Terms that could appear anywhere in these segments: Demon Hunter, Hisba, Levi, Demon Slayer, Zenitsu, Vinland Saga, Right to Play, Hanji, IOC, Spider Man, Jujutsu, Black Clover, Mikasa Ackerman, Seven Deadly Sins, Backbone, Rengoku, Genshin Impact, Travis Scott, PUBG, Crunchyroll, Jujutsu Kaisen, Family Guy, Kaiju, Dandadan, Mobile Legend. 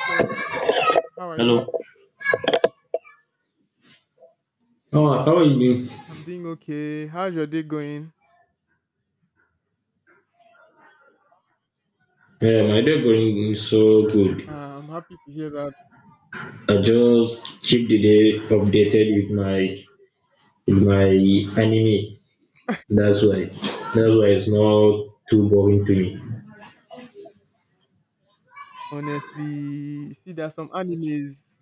Hello, how are you? Hello. Oh, how are you doing? I'm doing okay. How's your day going? Yeah, my day going so good. Uh, I'm happy to hear that. I just keep the day updated with my anime. That's why. That's why it's not too boring to me. Honestly, see, there are some animes.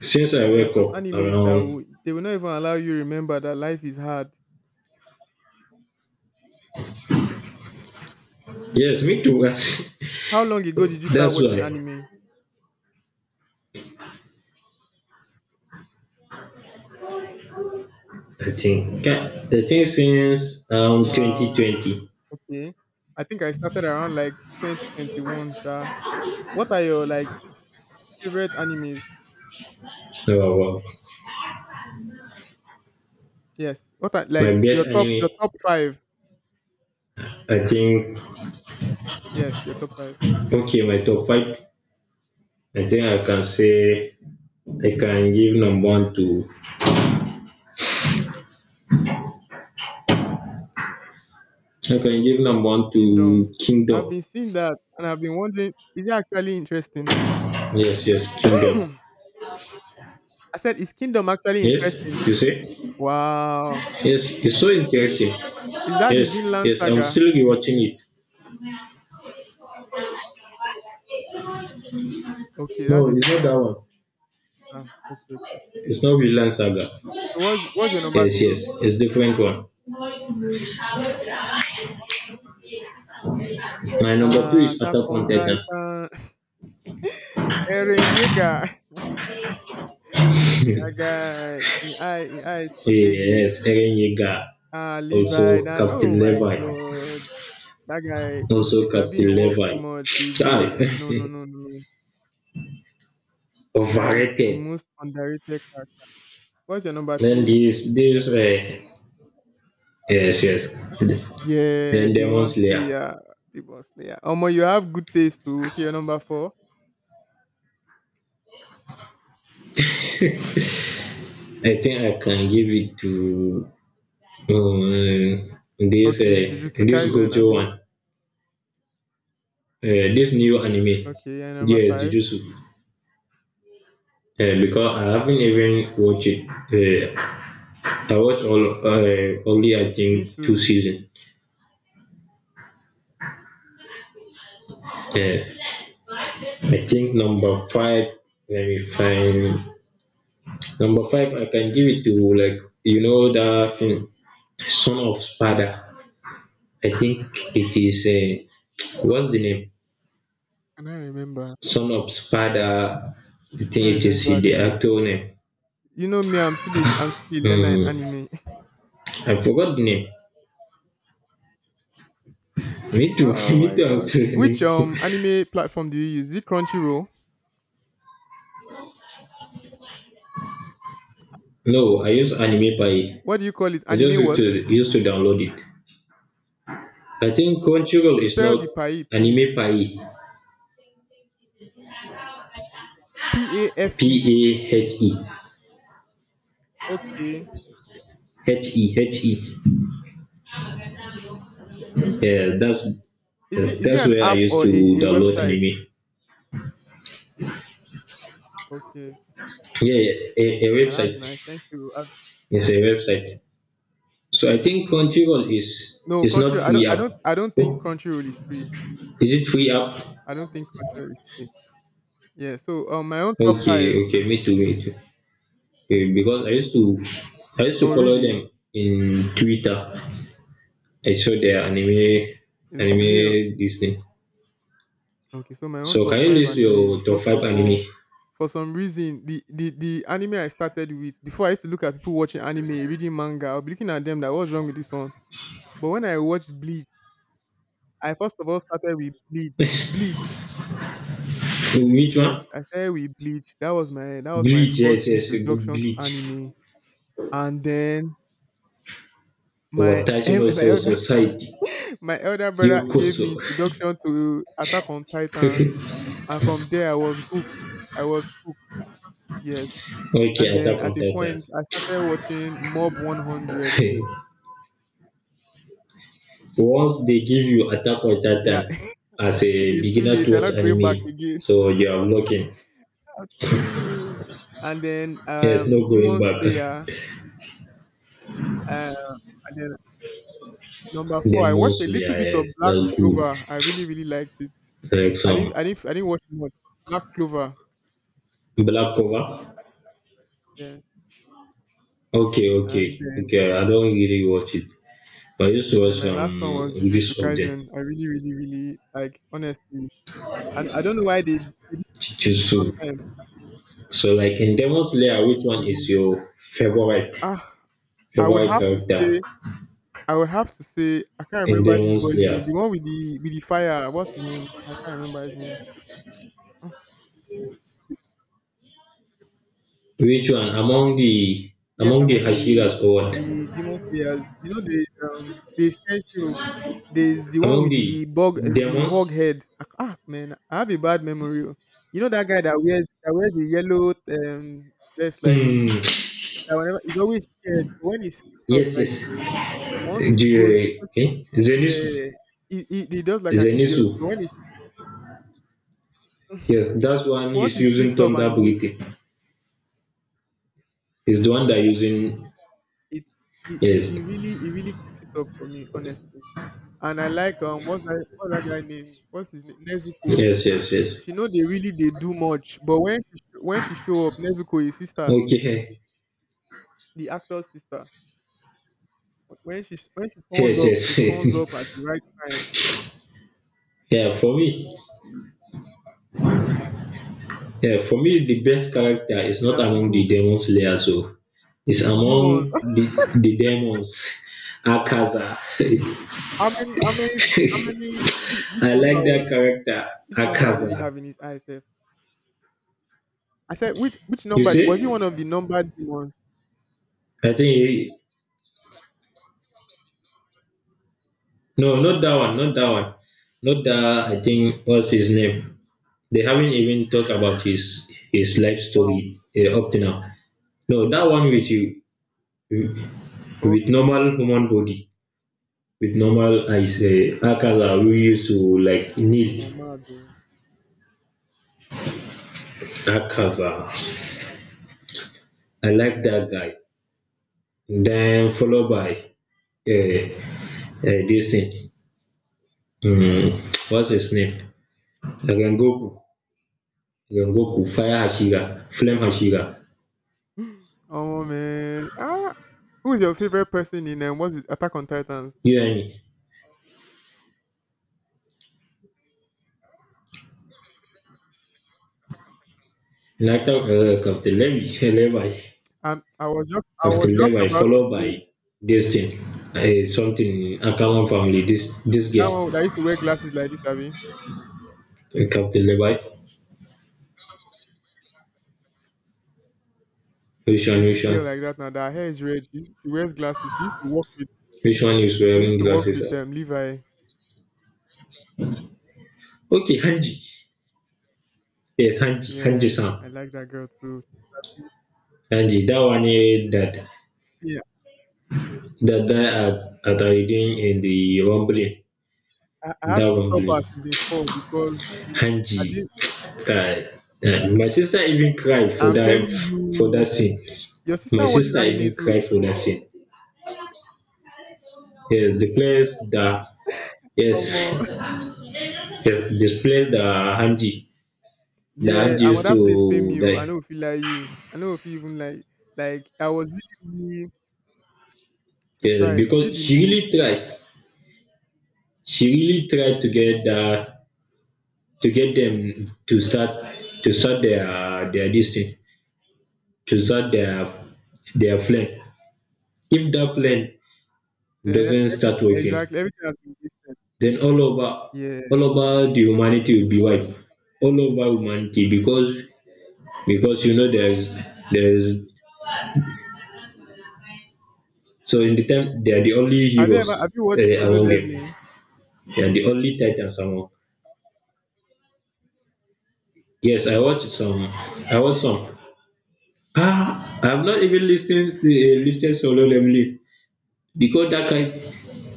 Since I There are wake some up animes that around they will not even allow you to remember that life is hard. yes, me too. How long ago did you start That's why watching anime? I think. I think since Wow. 2020. Okay. I think I started around like 2021, Sha. What are your like favorite animes? Oh, wow. Yes. What are My like your best top anime. your top five? I think Yes, your top five. Okay, my top five. I think I can say I can give number one to I can you give number one to Kingdom. I've Kingdom. been seeing that and I've been wondering, is it actually interesting? Yes, yes, Kingdom. I said, is Kingdom actually Yes, interesting? you say? Wow. Yes, it's so interesting. Is that the Yes, Vinland yes, I'm Saga? still rewatching it. Okay, that's a No, it's not different that one. one. Okay, okay. It's not Villain Saga. So what's your number Yes, yes, two? it's different one. My number two is Attack Attack on on Titan. Titan. Eren Yeager. That guy. Shiggy. yes, Eren Yeager. Also Levi. That, Captain oh my Levi. God. That guy. Also It's a Captain being work Levi. too much. He was no, no, Aye. no, no, no. Like the Overrated. most underrated character. What's your number Then three? this yes, yes. Yeah, Then the Demon one Slayer. slayer, the one slayer. Omo, you have good taste too. Okay, your number four. I think I can give it to um, Okay, Jujutsu this Kaisen, Gojo Abi. one. This new anime. Okay, and number Yes, five. Jujutsu. Because I haven't even watched it. I watched all only I Me think two too. seasons. Uh, I think number five. Let me find. Number five, I can give it to Which like you know that film Son of Sparta. I think it is a what's the name? Can I remember? Son of Sparta. I I think can't it is remember the the. actor name. You know me, I'm still a learner in Hmm, anime. I forgot the name. Me too. Oh Me my too. I'm God. still Which learning. Anime platform do you use? Is it Crunchyroll? No, I use Anime Pie. What do you call it? I just Anime used what? to used to download it. I think Crunchyroll is Spell not the Pai, please. Anime Pie. P A P F E. A H E Okay. H E H E. Yeah, that's Is it that's an where I app used or a, to a download website? anime. Okay. Yeah, yeah, a And that's website. nice. Thank you. It's a website. So I think Crunchyroll is No, country. not free app. I don't think Oh, country road is free. is it free app? I don't think country road is free. Yeah. So, my own top Okay, five. okay, me too, me too. Okay, because I used to Oh, follow really? them in Twitter. I saw their anime Is to me. Oh, anime Disney. okay. So my own So top can you five list anime. your top First five of all, anime? for some reason, the anime I started with before I used to look at people watching anime, reading manga. I'll be looking at them like, what's wrong with this one? But when I watched Bleach, I first of all started with Bleach. Bleach. Which Yes, one? I started with Bleach. That was my Bleach, first yes, yes, introduction to Bleach. anime, and then my Watashi no Soul Society. My elder brother gave Yokoso. me introduction to Attack on Titans, okay, and from there I was hooked. I was hooked, yes. And then Attack on at a Titan. point, I started watching Mob 100. Once they give you Attack on Titan Yeah, as a it's too beginner to late. I'm watch not going back anime, again. so you are looking. I'm telling you. And then Yes, no going Demon back. Slayer. Uh, and then number four, I Demon watched a little Slayer, bit of yes, Black that's good. Clover. I really, really liked it. Like I didn't, some I didn't, I didn't watch much. Black Clover. Black Cover. Yeah. Okay, okay, And okay. I don't really watch it, but I used to then watch my last one some was Jujutsu reviews of them. Kaisen. I really, really, really like honestly, and I don't know why they didn't finish it Chichizu. on time. So, like in Demon Slayer, which The one is most your favorite ah, I would favorite have to character say, I would have to say, I can't in remember this Demon boy's name. Slayer? The one with the fire. What's his name? I can't remember his name. Ah, Which one Yes, among the among the Hashiras or what? the demon slayers, there's Kenshiro. There's the one Among with the the bug and the hog demons? head. Man, I have a bad memory. Oh. You know that guy that wears a yellow vest like Mm, this. That whenever he's always scared. But when he sleeps off, yes, like yes. once he The, goes, eh? Zenitsu. yeah, he does like an idiot. Zenitsu. But when he Yes, that's one once is he using sleeps off and thunder he wakes, breathing. Is the one that using it he, he, yes, he really he really kicks it up for me, honestly. And I like what's that guy name? What's his name? Nezuko. yes, yes, yes. She know they do much, but when she show up, Nezuko his sister, Okay. the actor's sister. When she turns Yes, up, she turns yes. up at the right time. yeah, for me, yeah, for me, the best character is Is not is among the who demon slayers, so it's the demons? among the demons. Akaza. how many how many how many which I number like that was character, Which number did he Akaza. have in his eye, sef? I said, which You number was he one see? of the number demons? I think he, no, not that one, Not that I think what's his name. They haven't even talked about his life Wow. story up to now. No, that one with you with Okay. normal human body. With normal I say Akaza we used to like need I'm on mad though. Akaza. I like that guy. Then followed by uh, this thing. Hmm, what's his name? Rengoku. Rengoku. Fire Hashira. Flame Hashira. Oh man. Who is your favorite person in what's it, Attack on Titans? You and me. Nathan Captain Levi. Levi. I was just I was Captain just Levi. about to Followed say by this thing. Something Akaman family. This that girl. one that used to wear glasses like this, Abby. Captain Levi. Which one? There's this girl like that now. That her hair is red. She wears glasses. She used to work with Which one is she used wearing to work glasses? with Levi. Okay, Hanji. Yes, Hanji. Yeah, Hanji-san. I like that girl too. She's happy. Hanji, that one eh, that See, that guy at doing in the rumbling, I that had to stop her rumbling. season four because Hanji. I did Uh, my sister even cried I'm telling for you, that scene. your My sister watches sister anime even too. cried for that scene. Yes, the place that Omo, yes, yes the place that yeah, Hanji I'm at used that place pay to me. Oh. I die. know if you like you. I know if you even like I was really, really she Yes, tried. She did because the she move. really tried. She really tried to get that to get them to start their this thing to start their plan if that plan Then doesn't every start working exactly everything has been wasted. then Yeah. all over the humanity will be wiped all over humanity because you know there's so in the time they are the only Have you heroes ever have you watched uh, solo among them leveling? they are the only titans among yes, I watched some, I watched some. Ah, I've not even listened to a listed solo lemonade because that kind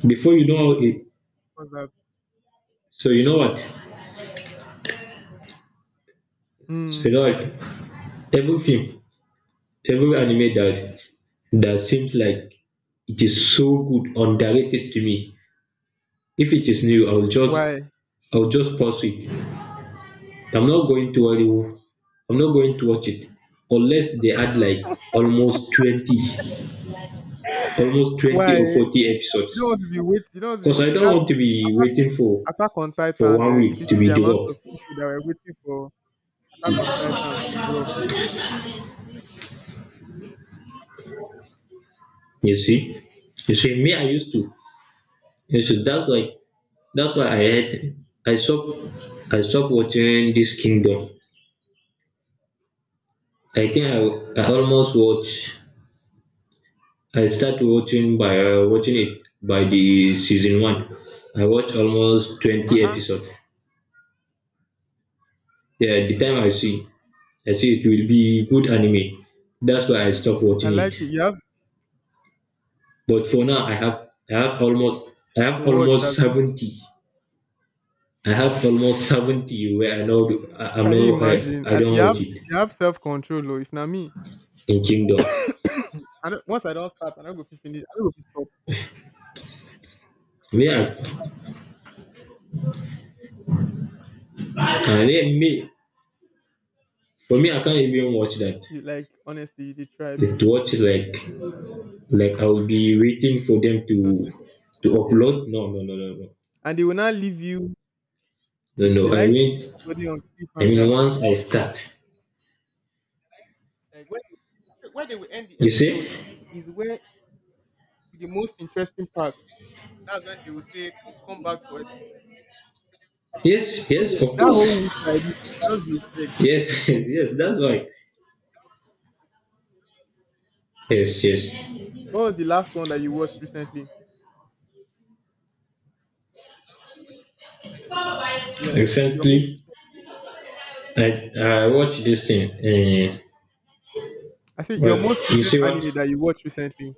before you know it. What's that? So you know what? So you Hmm. know what? Every film, every anime that that seems like it is so good, underrated to me. If it is new, Why? I'll just pause it. I'm not going to worry. Oh. I'm not going to watch it unless they add like almost 20, almost 20 Why? or 40 episodes. You don't want to be Cause wait I don't that want to be attack waiting attack on for titans, one eh? If you week to see be the amount of developed. people that were waiting for attack on titans to drop. You see, you see, me, I used to. You see, that's why, that's why I stopped, I stopped watching this Kingdom. I almost watch. I started watching by watching it by the season one. I watch almost Uh 20 uh episodes. Yeah, the time I see it will be good anime. That's why I stopped I watching it. like it. You have But for now, I to have watch. almost Abi. 70. I have almost 70 where I know I Can you know imagine? I don't You have watch it self control, oh. If na me, in Kingdom. I don't, once I don't start, I don't go fit finish. I don't go fit stop. Me, I, me for me I can't even watch that. You like honestly, they try because To watch like I'll be waiting for them to do the next to one, yeah. upload. No, no, no, no, no, And they will not leave you. no, They, no. they like to leave somebody on I mean cliffhanger. once I start, Like when where they will end the you see? episode is where the most interesting part. That's when they will say, "Come back for it." Yes, So yes, of that course, whole week like this, just the effect. yes. Yes, that's right. Yes, yes. What was the last one that you watched recently? Yes, your most. Recently, Recent, I watched this thing. I say your Well, most you recent see what? anime that you watched recently.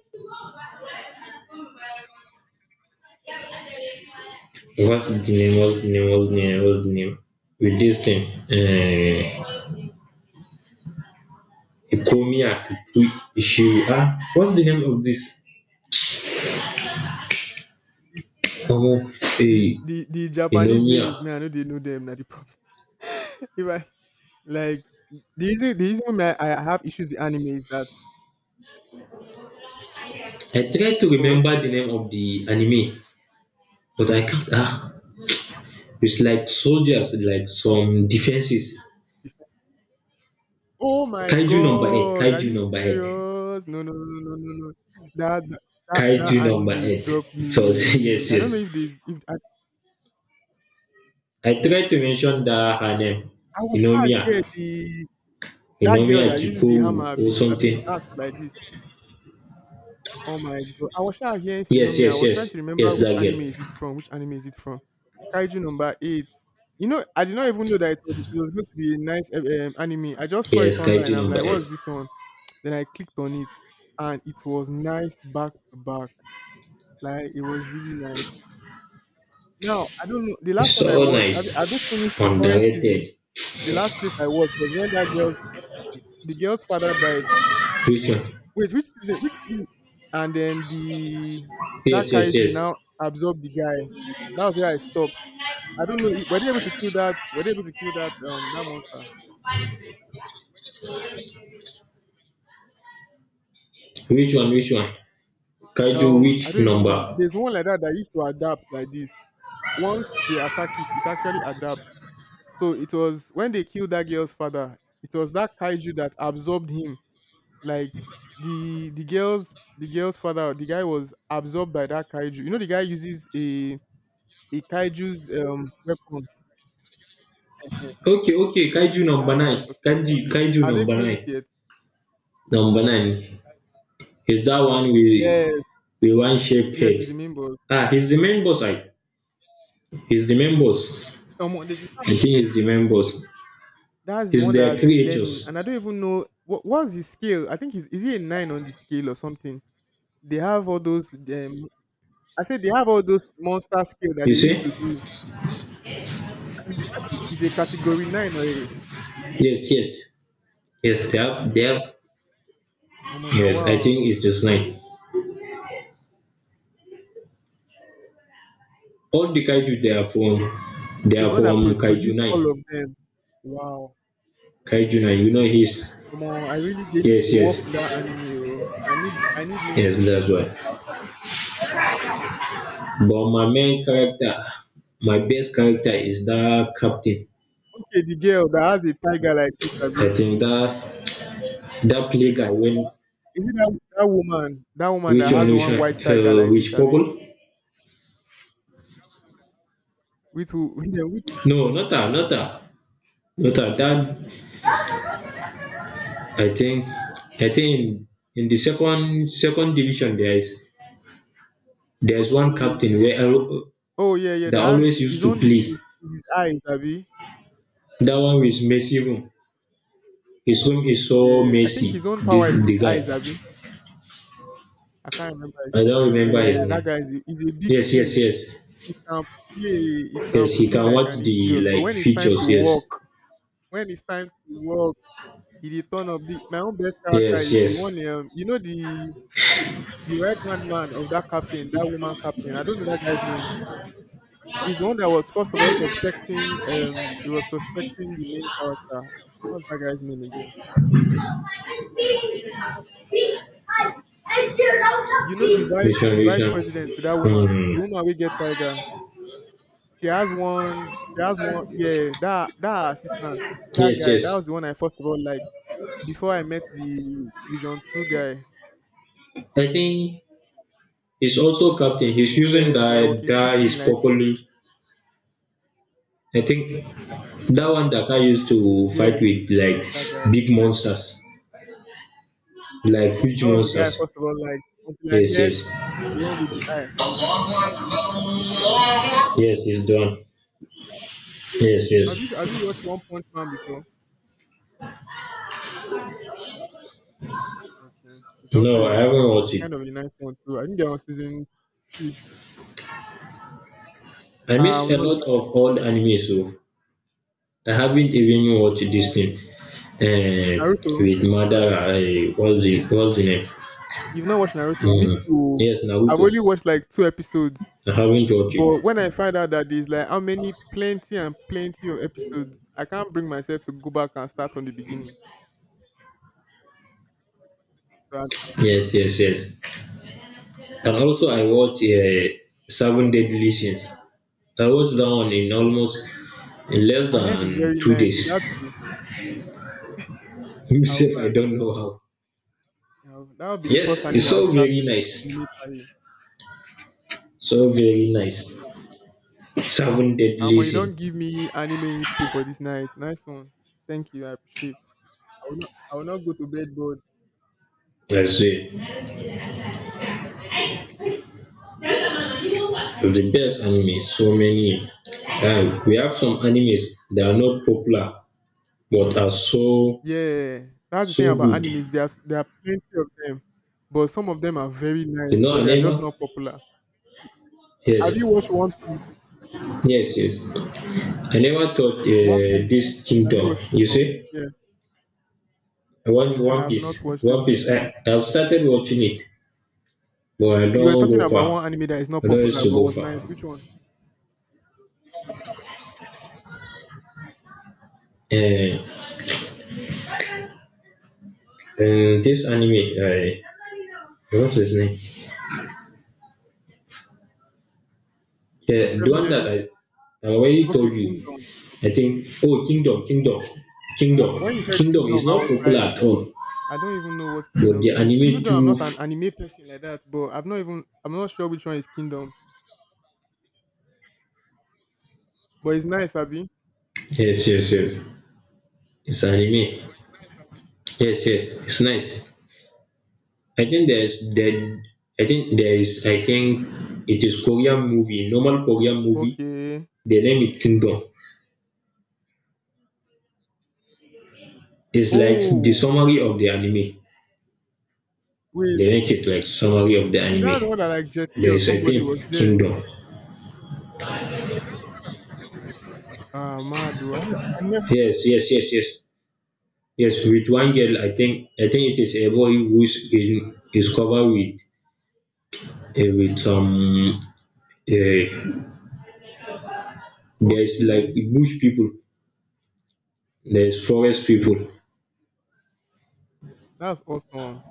What's the name? What's the name? With this thing, uh, Economia issue. Ah, what's the name of this? Oh, The eh, the the Japanese Economia. names, me, I know they know them. Not the problem. If I like the reason why I have issues with anime is that I try to oh remember okay, the name of the anime, but I can't. Ah, it's like soldiers, like Thor. some defenses. The Oh my Kaiju number eight. God, are you serious? No, no, no, no, no, no. That that Kaiju number anime eight. dropped So me. yes, I don't yes. know if they if I, I tried to mention that her name, I was trying yeah Hinomiya, the that girl Hinomiya that uses the Jikowu hammer, or be, I be something. the axe like this. Oh my God. I was sha hearing Yes, Sinomiya. I yes, was yes, trying to remember yes, which that anime is girl. it from, which anime is it from. Kaiju number 8. You know, I did not even know that it was going to be a nice anime. I just saw it Yes, online. Kaiju I'm number like, eight. what's this one? Then I clicked on it and it was nice back to back. Like it was really nice. Now, I don't know. The last It's one I so watched, have they finished nice, the current season? underrated. The last place I watched was when that girl's the girl's father died. Which one? Wait, which season? Which season? And then the that Yes, yes, kaiju yes. now absorbed the guy. That was where I stopped. I don't know. Were they able to kill that? Were they able to kill that that monster? Which one? Kaiju I which don't even know. number? There's one like that that used to adapt like this. Once they attack it, it actually adapts. So it was when they killed that girl's father. It was that kaiju that absorbed him. Like the girl's father, the guy was absorbed by that kaiju. You know, the guy uses a kaiju's weapon. Yeah, Okay, okay. Kaiju number that's what nine. I'm talking about. Kanji Kaiju Have they number killed it nine. yet? Number nine is that one Yes, with one shaped yes, it's the head. main boss. Ah, he's the main boss. I He's the members. Omo, they should I start- think he's the members. That's the He's one that their has been learning, creatures. and I don't even know what what's the scale. I think is it a nine on the scale or something? They have all those. I said they have all those monster scale that You they used see? to do. Is I think it's a category nine or a. Yes, yes. Yes, they have, Omo, now Yes, I wow. think it's just nine. All the kaiju they are from So it's one that Kaiju produced 9. all of them. Wow. Kaiju 9, you know his? Omo, I really they need to Yes, work yes. on that anime. Oh. I need new Yes, episodes. that's why. But my main character, my best Who's the character captain? Who's is the that captain? captain. Okay, the girl that has a tiger like this, Abby, I think that that play guy when is it that woman? That woman which that one has one white tiger like this, which purple? Abby? With who? Yeah, with No, not that, Not that that I think I think in, in the second second division there is there's one the- captain where I- oh yeah, yeah. that That has always used his to own. This play. is his eyes, Abby. That one with Messi room. His room is so Yeah, I think messy. his own This power is in the his guy. eyes, Abby. I can't remember. I don't remember Yeah, his yeah, that name. guy is he's a big Yes, fool. yes, yes. He can play. He can Yes, he play can like watch an the idiot. But like features, yes. When it's time to walk, he dey turn up. My own best character Yes, is the one. yes. You know the right hand man of that captain, that woman captain. I don't know that guy's name. He's the one that was first of all suspecting. He was suspecting the main character. What's that guy's name again? You know, the Which vice, one, the which vice one? president to that woman, Hmm. the woman we get Tiger. She has one. She has one. Yeah, that assistant, that Yes, guy, that yes. was the one I first of all like before I met the Division Two guy. I think he's also captain. He's using Yes, like that walking stick that his thing, like popular I think that one that I used to fight yes, with like yes, that guy. big monsters, like huge That was the guy I monsters. first of all like until I Yes, met yes, the one with the eye. yes, it's done. Yes, yes. Have you watched One Punch Man before? Okay, it's also No, I it's not haven't it's, it's a watched it. kind of a nice one too. I think they're on season three. I miss a No, you lot are- of old anime, so I haven't even watched this thing. Naruto. With Madara, what's the name? You've not watched Naruto? Me Mm. too. Yes, I've Naruto. only watched like two episodes, I haven't watched it. but when I find out that there's like how many plenty and plenty of episodes, I can't bring myself to go back and start from the beginning. So Yes, yes, yes. And also, I watched Seven Deadly Sins. I was down in almost in less I heard it's than very two nice. Is days. that true? I'll, Myself, go I and- don't know how. I'll that'll be the first Yes, anime it's so I'll start very with. nice. Anime party. So very nice. Seven deadly You don't sin. give me anime inspo for this night. Nice one. Thank you. I appreciate. I will not go to bed bored. I swear. The best anime, so many. And we have some animes that are not popular but are so Yeah, that's the thing so about good. animes. There are plenty of them, but some of them are very nice, You know, but I they are just never not popular. Have yes, you watched One Piece? yes, yes. I never thought One this Piece. Have you kingdom, watched it you before? see? Yeah, I One have not Piece. watched it One Piece. before. I've started watching it, but I You were don't talking go about one far. anime that is not I don't used popular to but go was far. nice. Which one? And, and this anime, I what's his name? Is this The Seven one Deadly that Sins? I already Okay, told you. Kingdom. I think oh Kingdom, Kingdom, Ah, when you said Kingdom is Kingdom, I not was popular like, at all. I don't even know what But Kingdom the is. Even anime though I'm too. not an anime person like that, but I'm not sure which one is Kingdom. But it's nice, Abi. Yes, yes, yes. It's anime. Yes, yes. It's nice. I think there's there. I think there is. I think it is Korean movie, normal Korean movie. Okay. They name it Kingdom. It's like the Oh, summary of the anime. wait. They make it like summary of the Is that the one that anime. like Jet Li There or is a somebody was film there? Kingdom. Ah, mad though. I never. Yes, yes, yes, yes, yes. With one girl, I think it is a boy who is covered with some. Uh, there's like Okay, bush people. There's forest people. that's awesome.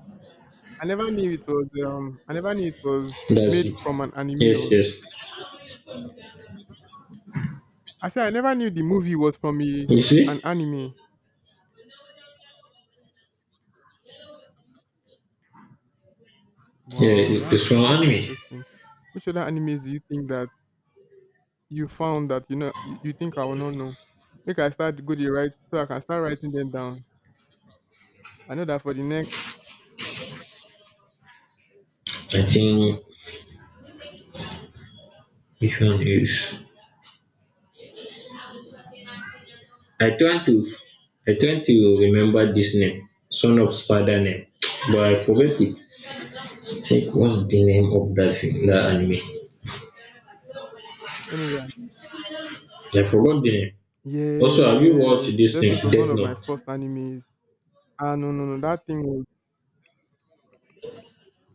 I never knew it was That's made it. from an anime. Yes, Oh. yes. I said I never knew the movie was from You an see? anime. Yeah, Wow, it's from that's anime. interesting. Which other animes do you think that you found that you think I will not know? Make I start go the right so I can start writing them down. I know that for the next. I think which one is? I trying to I trying to remember this name, Son of Spada name, but I forget it. Think what's the name of that film, that anime? Let me go. I forgot the name. Also, have you watched Yes, this Death thing, Note was one Death of my Note? first animes. Ah, no, no, no, that thing was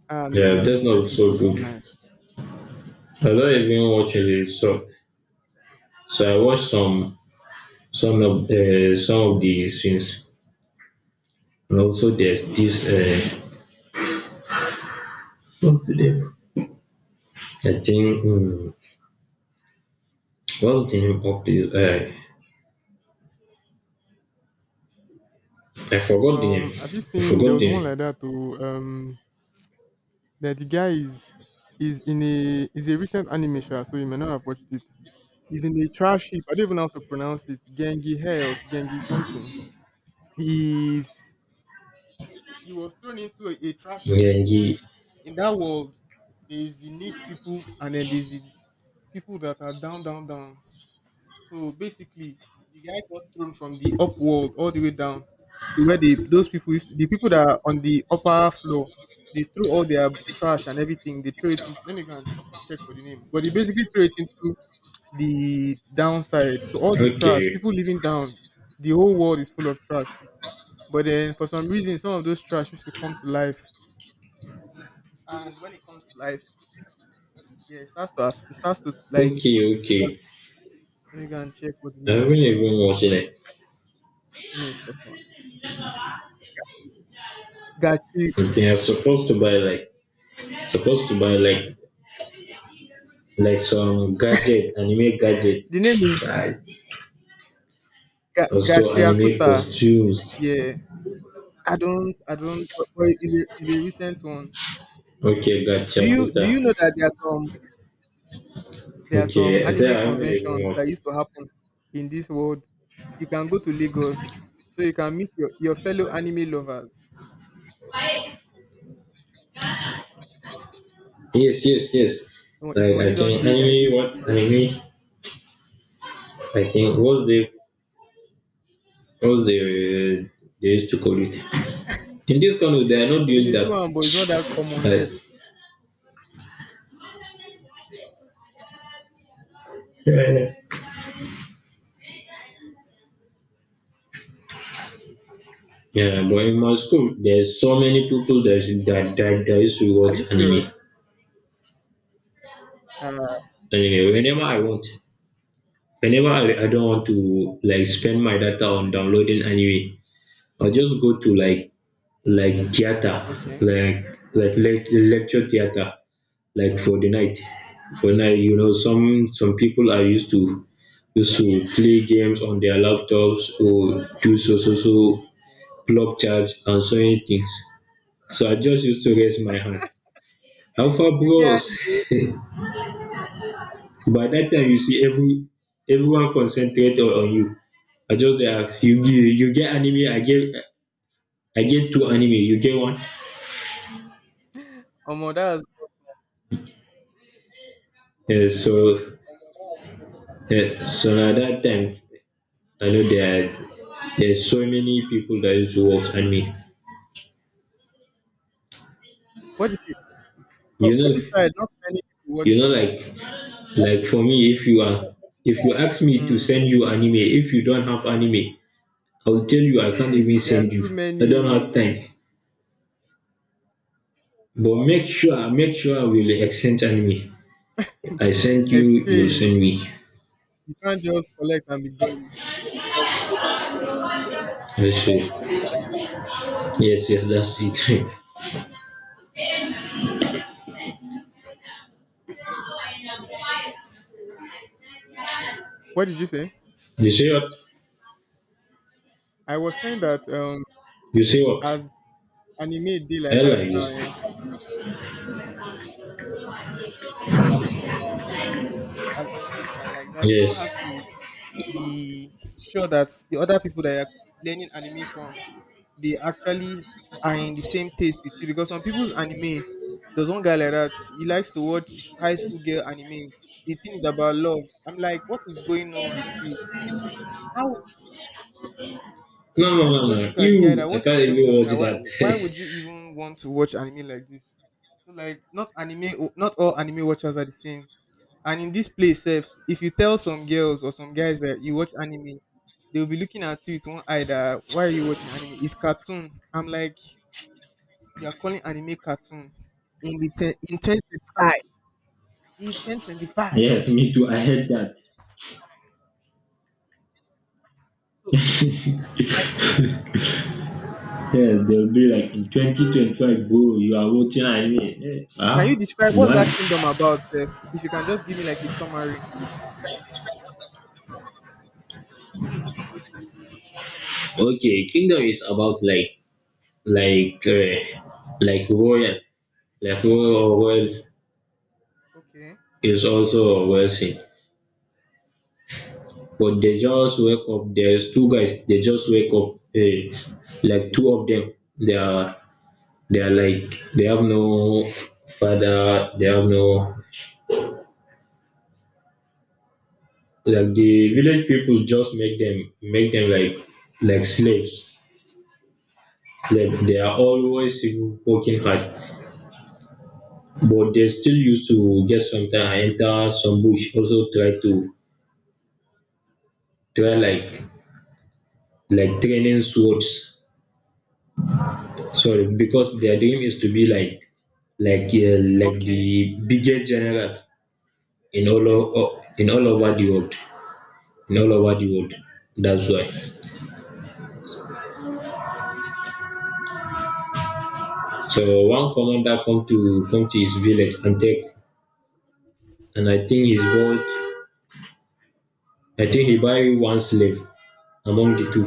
ah, no, Yeah, no, no, Death Death Note is Note so was good. nice. I don't even watch it, so I watched some of the scenes, and also there's this what's the name? I think mm, what's the name of the I forgot the name. Have you I seen there forgot was the one name. like that too? That the guy is in a is a recent anime show, so you may not have watched it. He's in a trash heap. I don't even know how to pronounce it. Gengi Hells, Gengi something. He's he was thrown into a trash heap. Yeah, he, In that world, there is the neat people, and then there's the people that are down, down, down. So basically, the guy got thrown from the up world all the way down to where the people that are on the upper floor. They threw all their trash and everything. They threw it into. Let me go and check for the name. But they basically threw it into the downside. So all the trash, okay, people living down, the whole world is full of trash. But then for some reason, some of those trash used to come to life. And when it comes to life, yeah, it starts to it starts to like. okay, okay. Let me go and check what the I name haven't is. Oh. even watched it. Give me a second. Gachi I think I'm supposed to buy like supposed to buy like some gadget, anime gadget, The name is also anime Gachiakuta. costumes. Yeah, I don't, but, it's a recent one. Okay, Do gotcha, you do you puta. know that there are some Okay, I think anime I haven't even conventions that watched it. used to happen in this world? You can go to Lagos, so you can meet your fellow anime lovers. Yes, yes, yes. Omo, if Like money I don't think dey like anime, this, what don't worry. anime? I think what's the they used to call it. In this country, they are not They doing dey do that. am, but it's not that common yet. Like, yeah, but in my school, there's so many people that that used to Are watch you serious? anime. Uh, Anyway, whenever I want, whenever I don't want to like spend my data on downloading anime, I just go to like theater, okay, like like lecture theater, like for the night. For night, you know, some people are used to play games on their laptops or do so so so okay. plug charge and sewing things. So I just used to raise my hand. Alpha You get bros, anime, by that time you see everyone concentrate on you. I just ask you, you get anime, I get two anime, you get one. omo, that's Eh, so eh, so at that time I know there's so many people that used to watch anime. what is it? You For know this side, not many people you watch. know like like for me if you are if you ask me to Mm. send you anime, if you don't have anime, I will tell you I can't even There are send too you. I don't have many. time. But make sure we'll exchange anime. I send you, you'll Exchange. send me. You can't just collect and be going. Yes, sir. Yes, yes, that's it. What did you say? You say what? I was saying that You say what? as anime day I like that like now, this. eh, as anime is like that, someone Yes. has to be sure that the other people that you're learning anime from, they actually are in the same taste with you. Because some people's anime, there's one guy like that, he likes to watch high school girl anime. The thing is about love. I'm like, what is going on with you? How No, no, I used to no, just no. look at the guy You, that I what is can't going even on watch now? That. Why would you even want to watch anime like this? So like not all anime watchers are the same. And in this place, sef, if you tell some girls or some guys that you watch anime, they'll be looking at you with one eye that why are you watching anime? It's cartoon. I'm like, you are calling anime cartoon in 1025. In ten twenty five. Yes, me too. I hate So that. like, Yeah, they'll be like in 2025, bro, you are watching anime. Eh, can you huh? describe what's Why? that Kingdom about, sef? If you can just give me like a summary. Okay, kingdom is about like like uh, like royal, like royal wealth Okay. is also wealthy. But they just wake up. There's two guys. They just wake up. Like two of them. They are they are like they have no father. They have no like the village people just make them like slaves. That they are always working hard, but they still used to get sometime I enter some bush also try to try like training swords. Sorry, because their dream is to be like the Okay. biggest general Okay. In all over the world in all over the world. That's why one commander come to his village and take and I think he buy one slave among the two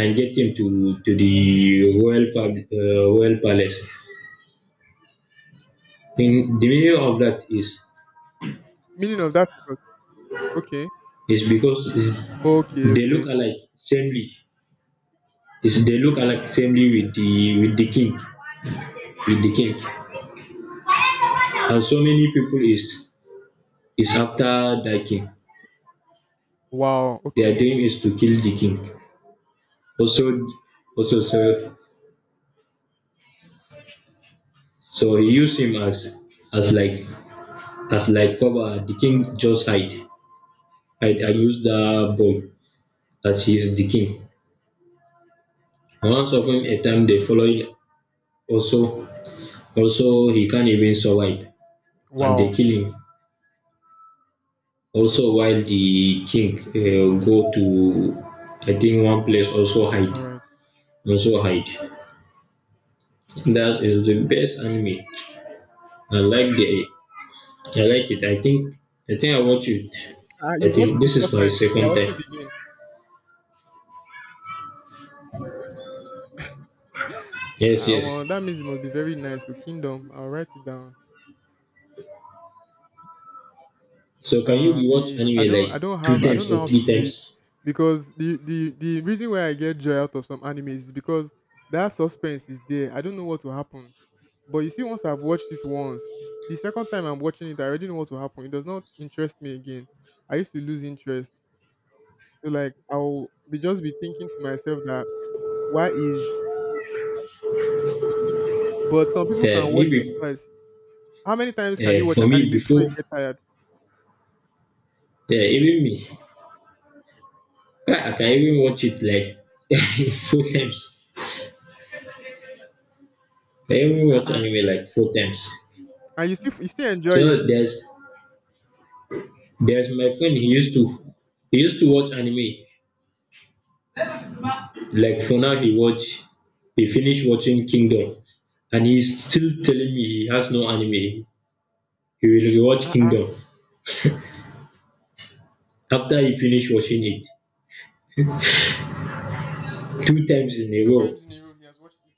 and get him to the royal palace. And the meaning of that Meaning of that is what? Okay. is because is Okay, they look okay. alike samely. Is they look alike samely with the king with the king. And so many people is after that king. Wow, Their okay. dream is to kill the king. Also so he used him as as like like cover. The king just hide and use the bow, that he is the king. I once of him a time they follow him, also also he can't even survive and they Wow. kill him. Also while the king go to I think one place also hide Alright. also hide. That is the best anime. I like the I like it. I think I watch it. Ah, I you watched think it the this is first my time. You're second watching time. it again. Yes, Ah, yes. omo, that means it must be very nice. So Kingdom, I'll write it down. So can you Ah, me, rewatch anime I like don't two have I don't times know or how to three do it times? because the reason why I get joy out of some animes is because that suspense is there. I don't know what will happen. But you see, once I've watched it once, the second time I'm watching it, I already know what will happen. It does not interest me again. I used to lose interest. So like I'll be just be thinking to myself that why is but some people can watch it Maybe twice. How many times can you watch for an me anime before before you get tired? even me ah, I can even watch it like four times. I can even watch Uh-uh. anime like four times. And you still enjoy You it. know, there's my friend. He used to watch anime. Like for now, he finished watching Kingdom, and he's still telling me he has no anime. He will rewatch Uh-uh. Kingdom after he finished watching it two times in a Two row. times in a row he has watched it.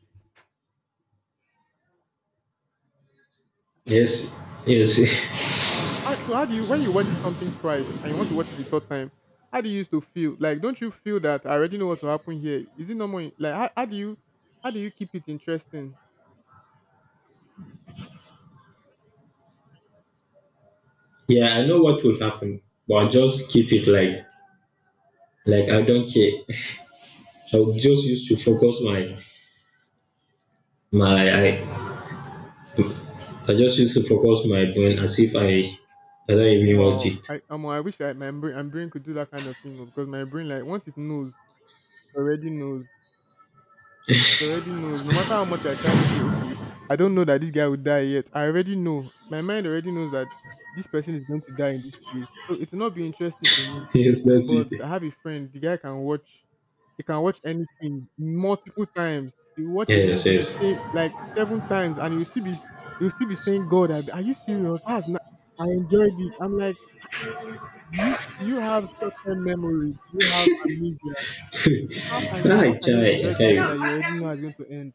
Yes, yes, Well, so how do you when you watch something twice and you want to watch it the third time? How do you used to feel? Like don't you feel that I already know what will happen here? Is it normal? Like how do you keep it interesting? yeah. I know what will happen, but I just keep it like I don't care. I'll just used to focus my My I just used to focus my brain as if I don't even watch Wow, it. I wish my brain could do that kind of thing oh, because my brain like once it knows, it already knows. He already knows. No matter how much I try to say, okay, I don't know that this guy will die yet. I already know. My mind already knows that this person is going to die in this place. So it will not be interesting to me. Yes, that's it. But I have a friend. The guy can watch. He can watch anything multiple times. He will watch a Yes, movie the yes. same like seven times, and he will still be saying, "God, are you serious? That's not, I enjoyed it." I'm like, do you have short term memory? Do you have amnesia? How can you? How I can you try, I enjoy something try. that you already know is going to end?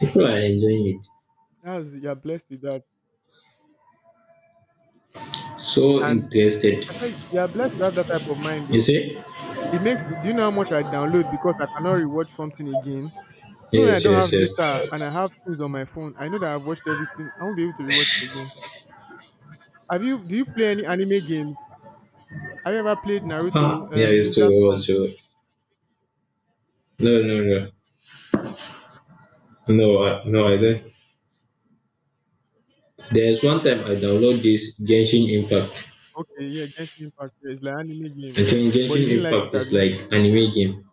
People are enjoying That's you're blessed with that. it. So And interested. I say you're blessed to have that type of mind You though. see? It makes do you know how much I download because I cannot rewatch something again. Even when I Yes, don't yes, have yes. data and I have things on my phone, I know that I've watched everything. I won't be able to rewatch it again. Have you Do you play any anime games? Have you ever played Naruto, Ah, yeah, I used to Ninja Storm? watch. No, no, no. No, I don't. There's one time I download this Genshin Impact. Okay, yeah, Genshin Impact. Yeah, it's like anime game, I yeah. think But you Genshin didn't like it, Impact is Abby. like anime game.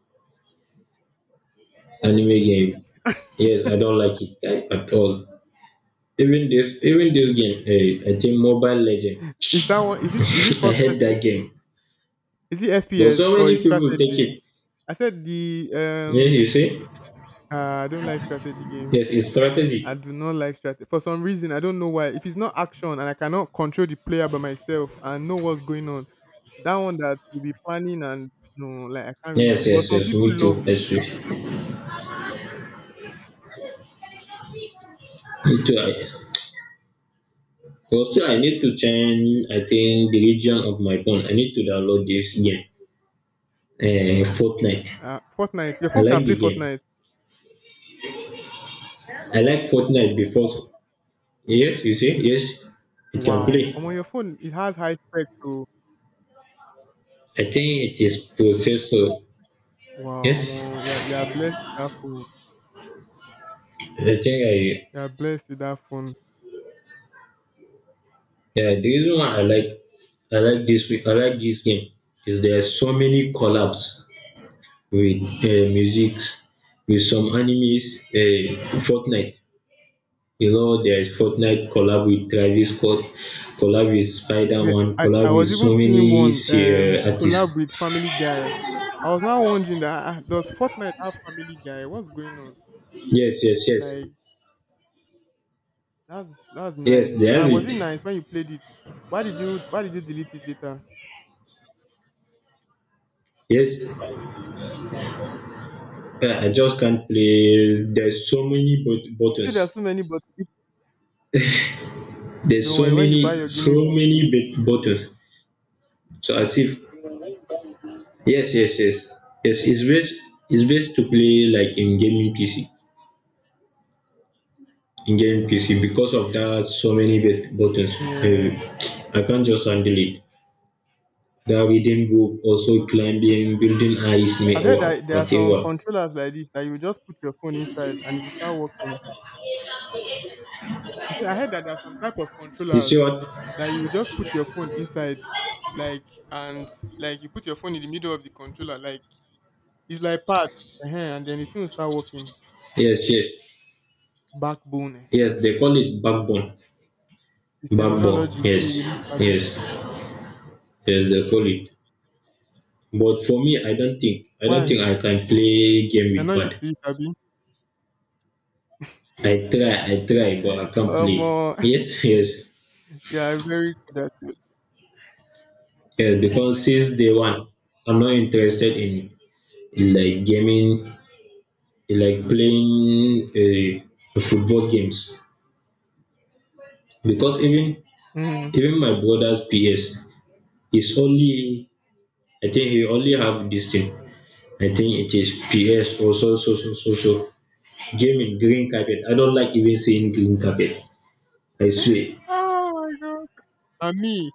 Anime game. Yes, I don't like it at all. Even this game, eh, I think Mobile Legend. Is that one is it I first hate person, that game. is it But FPS so or many is people take strategy? it. I said the Yes, you see? I don't like strategy games. Yes, it's I strategy. do not like strategy. For some reason, I don't know why. If it's not action and I cannot control the player by myself and know what's going on, that one that will be planning and no, like I can't really. Yes, But yes, some yes, people me too. love it. Yes, yes. Me too. I, but still, I need to change, I think, the region of my phone. I need to download this game. Fortnite. Fortnite, your I phone can like play the game. Fortnite. I like Fortnite because, yes, you see? Yes, it can play. Wow, on your phone it has high specs, so I think it is processor. wow, Yes, yeah, you are blessed with that phone. the thing I You are blessed with that phone. yeah, the reason why I like this game is there are so many collabs with musics with some animes. Fortnite, you know, there's Fortnite collab with Travis Scott, collab with Spider Yeah, Man, I collab with was even so seeing many one collab artists. with Family Guy. I was now wondering that does Fortnite have Family Guy? What's going on? Yes, yes, yes, Like, that's nice. yes. There's And was it. it nice when you played it? Why did you delete it later? Yes, I just can't play. There's so many You see buttons. there are so many, There's don't so worry, when you many, buy your so gaming PC, many buttons. So as if yes, yes, yes, yes. It's best to play like in gaming PC, in gaming PC because of that so many buttons. Eh, yeah. I can't just handle it. That reading book, also climbing, building ice, I've heard or that there are some whatever. controllers like this that you just put your phone inside and it will start working. I said I heard that there are some type of You controllers see what? that you just put your phone inside, like, and like you put your phone in the middle of the controller, like it's like pad, and then the thing will start working. Yes, yes, Backbone, yes. They call it backbone, the backbone. terminology, wey Yes, we will Abby. yes, yes. They call it. But for me, I don't think Why? I can play game You're not with used pad. to it, Abby. I try, but I can't play. Omo, Yes, yes, you are very good at it. yes. Because since day one, I'm not interested in like gaming, in like playing football games. Because even Mhm. even my brother's PS is only, I think he only have this thing. I think it is PS or so so so so so. Gaming green carpet. I don't like even seeing green carpet. I swear, Oh my god. And me,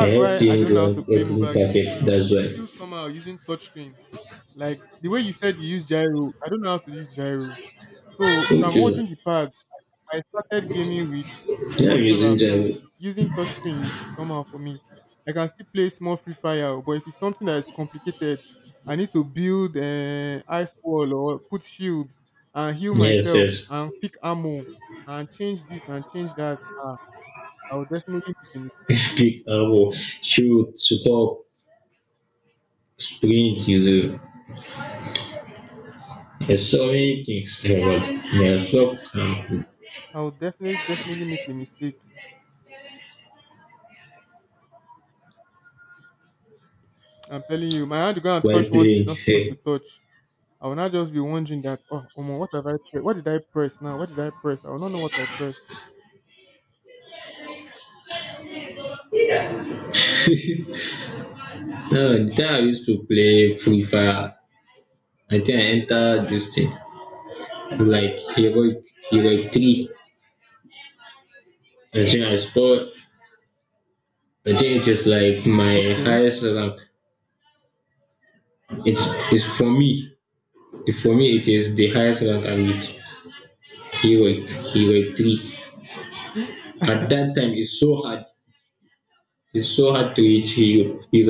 I hate why I seeing don't know how to play green mobile games carpet. well. That's It why. feels somehow using touchscreen. Like the way you said you use gyro, I don't know how to use gyro. So if I'm Okay. holding the pad, I started gaming with Yeah, I'm using controller, so Java. using touchscreen is somehow for me. I can still play small Free Fire, oh, but if it's something that is complicated, I need to build ice wall or put shield and heal Yes, myself yes. and pick ammo and change this and change that. I'll definitely make a mistake. Speak about shoot, support, sprint, user. Yes, so many things. I'll definitely make a mistake. I'm telling you, my hand will go and While touch one thing it's playing. not supposed to touch. I will not just be wondering that, oh, Omo, what have I? What did I press now? What did I press? I will not know what I pressed. No, the time I used to play Free Fire, I think I entered this thing. Like heroic, heroic three. I think I scored. I think it is like my Okay. highest rank. It's it's for me. For me, it is the highest rank I reached. He were he were three. At that time it's so hard. It's so hard to reach hero. He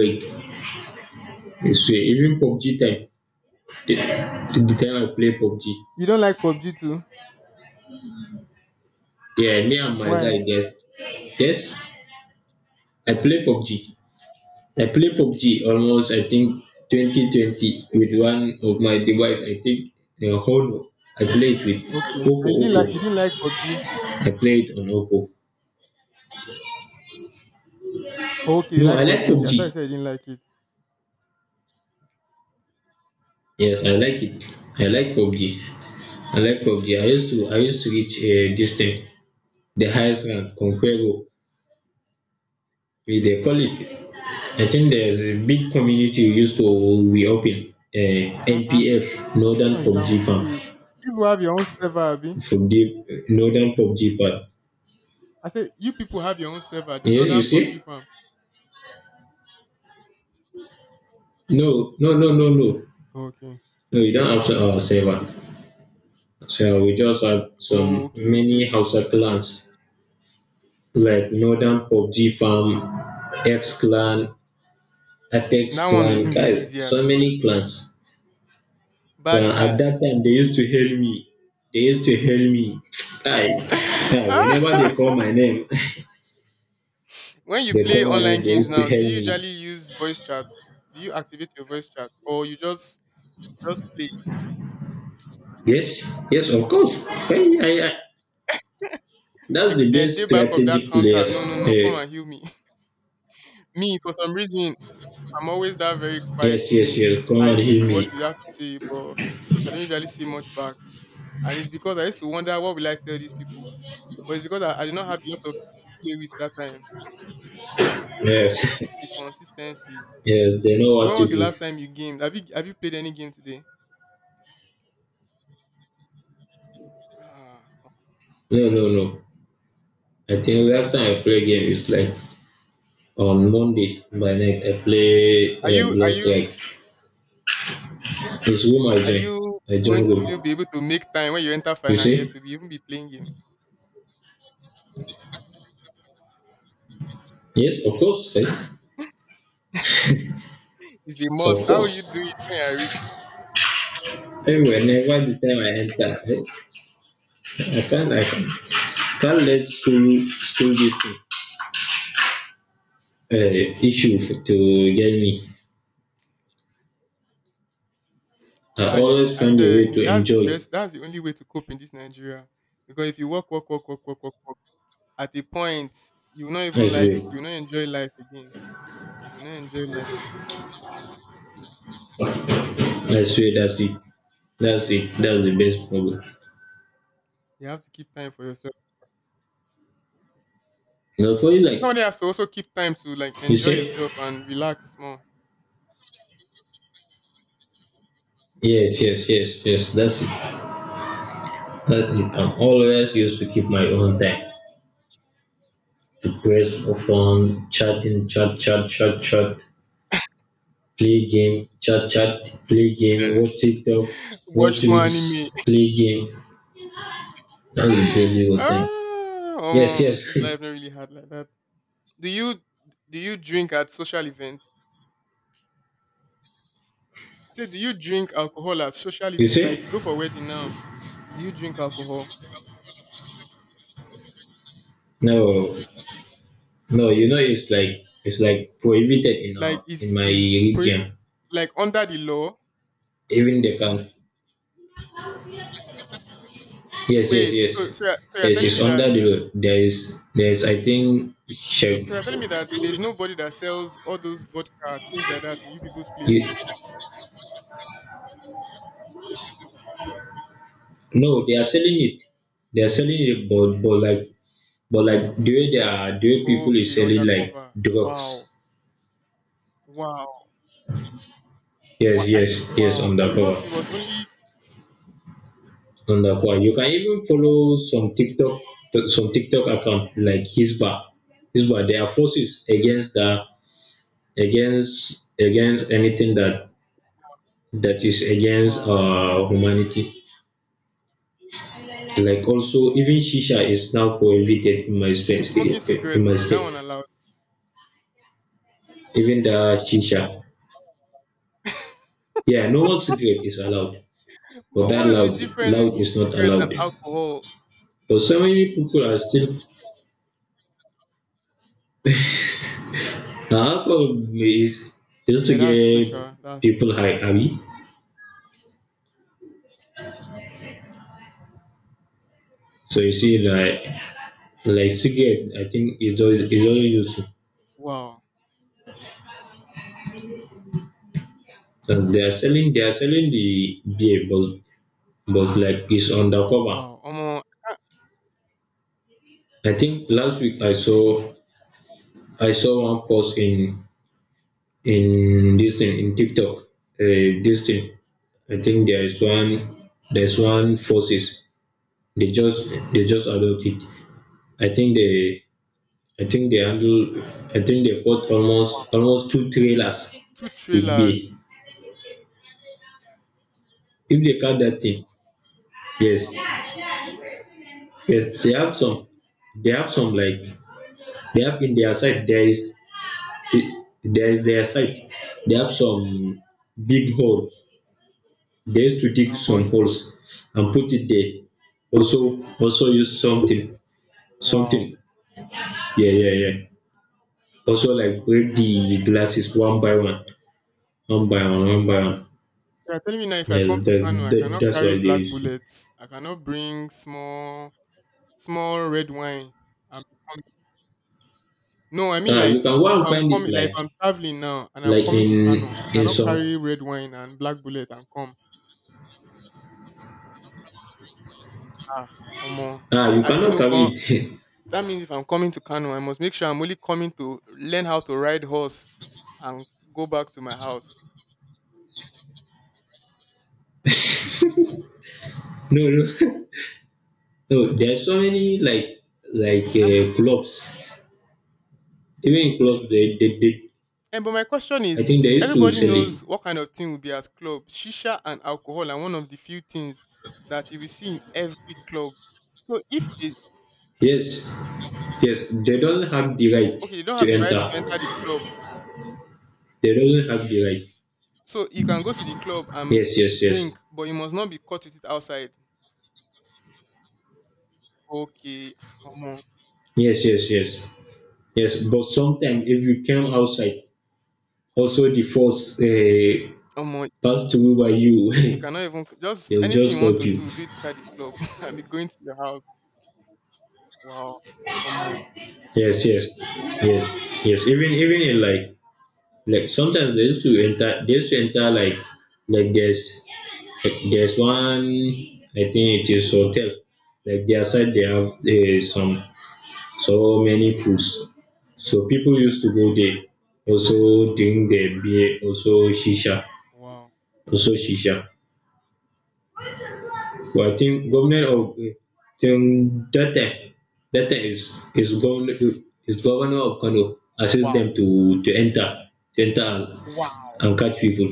it's even PUBG time. The time I play PUBG. You don't like PUBG too? Yeah, me and my guy Why? yes. Yes, I play PUBG. I play PUBG almost I think 2020 with one of my device. I think Honor. I play it with Okay. And you didn't Oppo. like you didn't like PUBG? I play it on Oppo. Oh, okay, you No, I like like PUBG. Okay, I PUBG. thought you said you didn't like it. Yes, I like it. I like PUBG. I like PUBG. I used to reach this thing, the highest rank, Conqueror, we they call it. I think there's a big community we used to we open Ah ah, NPF which Northern one is that one? PUBG farm Hey, you people have your own server, Abi. from the Northern PUBG part. I said you people have your own server, the Yes, you northern PUBG see? farm. No, no, no, no, no. Oh, okay. No, you don't have our server. So we just have Oh, some okay, okay, many okay. Hausa clans like Northern PUBG farm, X clan, That Apex one will Clan, even be guys, easier so many because clans. But bad guy. at that time, they used to hail me. They used to hail me. Guy, guy, whenever they call my name, When you they play call my online name, they games used to now, do hail you me. usually use voice chat? Do you activate your voice chat? Or you just play? Yes, yes, of course. Hey, Say, that's the then day best back of that strategic counter. players. No, no, no. Come Hey, and heal me. Me, for some reason, I'm always that very quiet yes, yes, teammate. yes, come I and listen hail to me. what you have to say, but I don't usually say much back. And it's because I used to wonder what will I tell these people. But it's because I did not have a lot of people to play with that time. Yes, The consistency. yes, they know So what when to was the do. last time you gamed? Have you played any game today? Ah, No, no, no. I think last time I play game is like on Monday by night. I nah, omo. play Are you are Blood you Strike. His whom I are join. you I going join to still room. be able to make time when you enter You final year see? to be even be playing game? Yes, of course. Eh? It's a must. Of How will you course. do it when you are rich? And whenever the time I enter, I can't let school this thing, issue to get me. I You, always I find a say, way to that's the enjoy. best. That's the only way to cope in this Nigeria. Because if you work, work, work, work, work, work, work, at a point, you will not even That's like way. you will not enjoy life again. You will not enjoy life. That's way, that's it. That's it. That's the best problem. You have to keep time for yourself. Not for you I think somebody like has to also keep time to like you enjoy say? yourself and relax more, Yes, yes, yes, yes, that's it. That's it. I'm always used to keep my own time. Grace often chatting, chat chat chat chat, play game, chat chat, play game, watch TikTok, watch watch more reels, anime. play game, that's the daily routine. Yes, yes. Omo, this life not really hard like that. Do you do you drink at social events? I say, do you drink alcohol at social you events? Like if see. you go for wedding now, do you drink alcohol? No, no, you know it's like, it's like prohibited in Like our in my region. like under the law. Even the count, yes, yes, Wait, yes. Yes, it's under the road. There is, I think, shag. so you're telling me that there's nobody that sells all those vodka things like that in you people's You, place. no, they are selling it. They are selling it, but like but like the way they Okay, are, the way people is okay, selling like undercover. drugs. Wow, wow, wow, Yes, yes, yes, wow. I undercover, thought it was only undercover. You can even follow some TikTok, some TikTok account like Hisba, Hisba. They are forces against the, against anything that is against, wow. uh, humanity. Like also, even shisha is now prohibited in my state. Smoking In my cigarettes, is that state, one allowed? even the shisha. Yeah, normal cigarette is allowed. But But that what's the loud, difference loud between is not cigarette and allowed. alcohol? But so many people are still. Now, alcohol is just to Yeah, that's true, get Sha. That's people true. high, abi. So you see, like cigarette, I think is always useful. Wow, And they are selling the beer, but like it's undercover. wow. Omo, I think last week I saw, I saw one post in okay. in this thing, in TikTok. This thing. I think there is one, there's one forces. They just, they just adopt it. I think they, I think they handle. I think they caught almost, Wow. almost two trailers Two with bay. trailers If they catch that thing, yes, yes, they have some, they have some like they have in their side. There is their side. They have some big hole. They used to dig and some Bonnie. holes and put it there. Also, also use something. Wow. Something. Yeah, yeah, yeah. Also, like break Okay. the glasses one by one, one by one, one by one. That's You are telling me now, if I Yeah, come to that, Kano, I that cannot that's what carry they black used to. bullets. I cannot bring small, small red wine. I'm coming. No, I mean, Ah, like you can go if and I'm find it coming, like if like I'm traveling now and I'm like coming to Kano, I in cannot some. carry red wine and black bullet and come. Ah, Omo. Ah, I, you I feel cannot no carry con. it. That means if I'm coming to Kano, I must make sure I'm only coming to learn how to ride horse and go back to my house. no, no, no. There are so many like, I'm clubs. Even in clubs, they, they And but my question I is, think they used to everybody sell it. knows what kind of thing will be at club. Shisha and alcohol are one of the few things that you will see in every club. So if they Yes, yes. They don't have the right Okay, they don't have to the right enter. to enter the club. They don't have the right. So you can go to the club and Yes, yes, yes, drink, but you must not be caught with it outside. Okay, omo, yes, yes, yes. Yes, but sometimes if you came outside, also the force, omo, pass through by you you, cannot even just they'll anything just you want cut to you. do, do it inside the club and be going to your house. Wow, omo, Yes, yes, yes, yes. Even, even in like sometimes they used to enter like, like there's like there's one I think it is hotel, like their side they have, some, so many foods. So people used to go there, also drink their beer, also shisha, wow, also shisha. Waiting government of Gwamnatin Datta. Datta is, is governor of Kano, assist wow, them to, to enter wow, and catch people.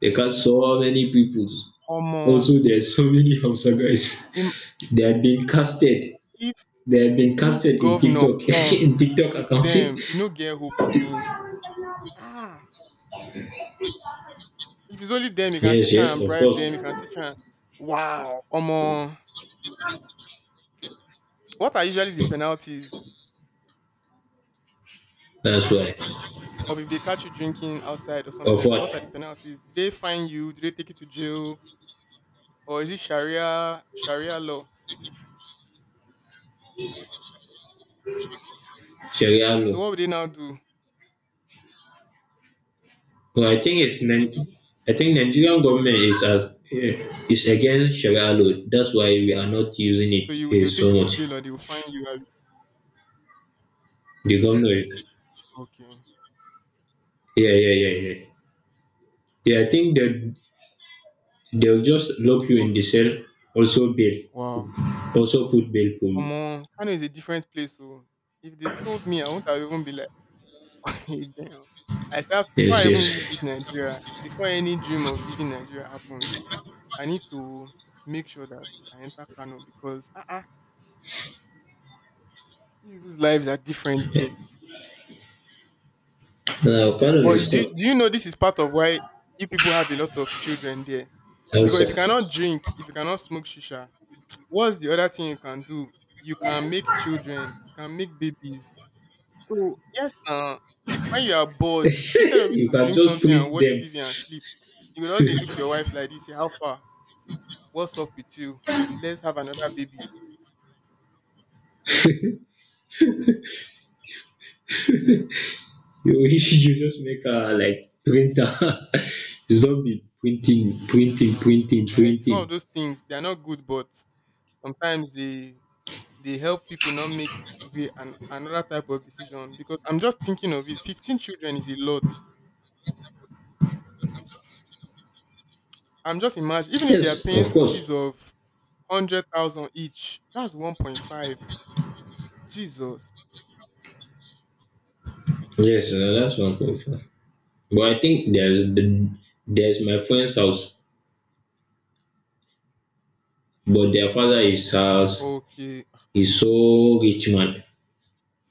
They catch so many people. omo. Also there's so many Hausa guys. Im- They have been casted. They have been casted If in governor TikTok, come in TikTok with account. them, you no get who picking. Ah! If it's only them, you can still yes, try yes, and of bribe them. course. You can still try and Wow! Omo! What are usually the penalties That's why. of if they catch you drinking outside or something Of like that? What are the what? penalties? Do they fine you? Do they take you to jail? Or is it Sharia law? Sharia So law. what would they now do? No, I think it's I think Nigerian government is as, is against Sharia law. That's why we are Okay. not using it, So you they will so take you to much. jail or they will fine you, abi? The government, Okay. yeah, yeah, yeah, yeah. Yeah, I think that they'll just lock you in the Okay. cell, also bail, Wow! also put bail for you. Omo! Kano is a different place. So if they told me, I wouldn't have even be like damn. I start, before Yes, I even leave yes. this Nigeria, before any dream of leaving Nigeria happens, I need to make sure that I enter Kano because people's lives are different there. Now, kind But of do you know this is part of why you people have a lot of children there? Because if you also, cannot drink, if you cannot smoke shisha, what's the other thing you can do? You can make children, you can make babies. So yes, when you are bored, instead of you you to can drink just something and print watch them. TV and sleep, you could just dey look your wife like this, say, how far? What's up with you? Let's have another baby. You, you just make Yes, a like printer. Zombie printing, yes, printing, no. printing, Like some of printing. those things, they're not good, but sometimes they help people not make way, another type of decision. Because I'm just thinking of it. 15 children is a lot. I'm just imagine, even if they are Yes, paying of school fees course. of 100,000 each, that's 1.5. Jesus. Yes, that's one problem. But I think there's my friend's house, but their father is house Okay. is so rich man.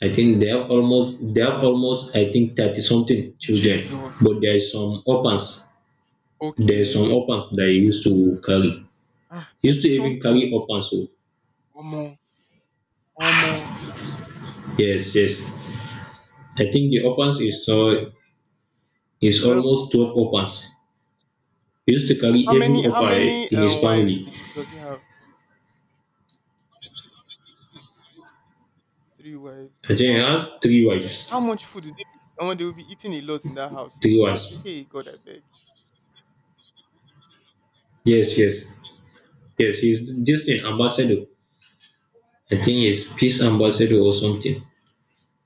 I think they have almost, they have almost I think 30 something children, Jesus. but there is some orphans. There is some Okay. orphans that he used to carry. He used 30 to even carry something. orphans. Oh. Omo. Omo. Yes, yes. I think the orphans is so, is 12. almost 12 orphans. He used to How carry every many how orphan many in his wives family. did does he have? Three I wives. think he Wow. has three wives. How much food do they be, and they will be eating a lot in that house? Oh. Three How wives. Hey, God, I beg. Yes, yes. Yes, he's just an ambassador. I think he's peace ambassador or something.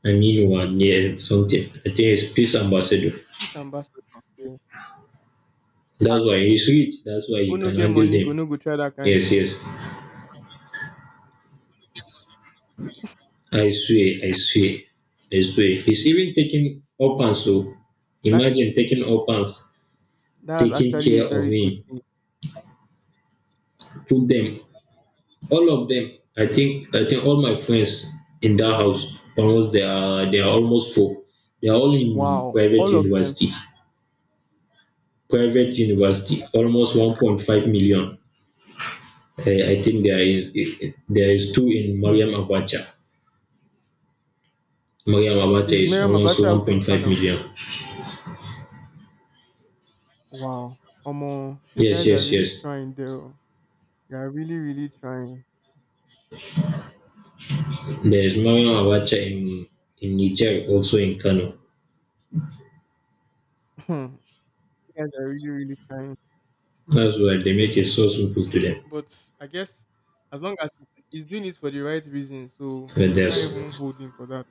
I mean one, yeah, something. I think he's peace ambassador. Peace ambassador. That's Abi why he's rich. That's why who you no can get handle money, go them. no go try that kind Yes, thing. yes. I swear, I swear, I swear. He's even taking orphans. So That imagine taking orphans, that's taking actually care a of very good him, thing. put them, all of them. I think all my friends in that house, almost they are almost four. They are all in Wow. private All of them. university. Private university, almost 1.5 million. I think there is two in Hmm. Mariam Abacha. Mariam Abacha Is is Miriam almost Abacha also in 1.5 Kano? million. Wow. Omo, you Yes, guys are yes, really yes. trying though. You are really, really trying. There is Mariam Abacha in Niger, also in Kano. You guys are really, really trying. That's why they make it so simple to them. But I guess, as long as he's doing it for the right reason, so But I can't there's, even hold him for that,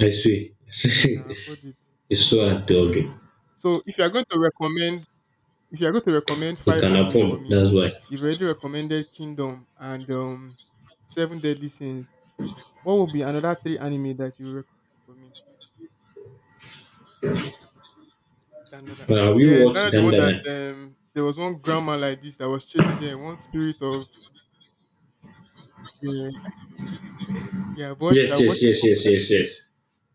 I swear, and he can afford it. it's so hard to argue. So if you are going to recommend, if you are going to recommend He five can anime for afford, me, that's why. you've already recommended Kingdom and Seven Deadly Sins. What would be another three anime that you recommend for me? Dandadan. But have you Yes, watched that the one that Dandana? There was one grandma like this that was chasing them, one spirit of, yeah, yeah. I Yes, watched yes, a yes, couple yes, yes, episodes. yes.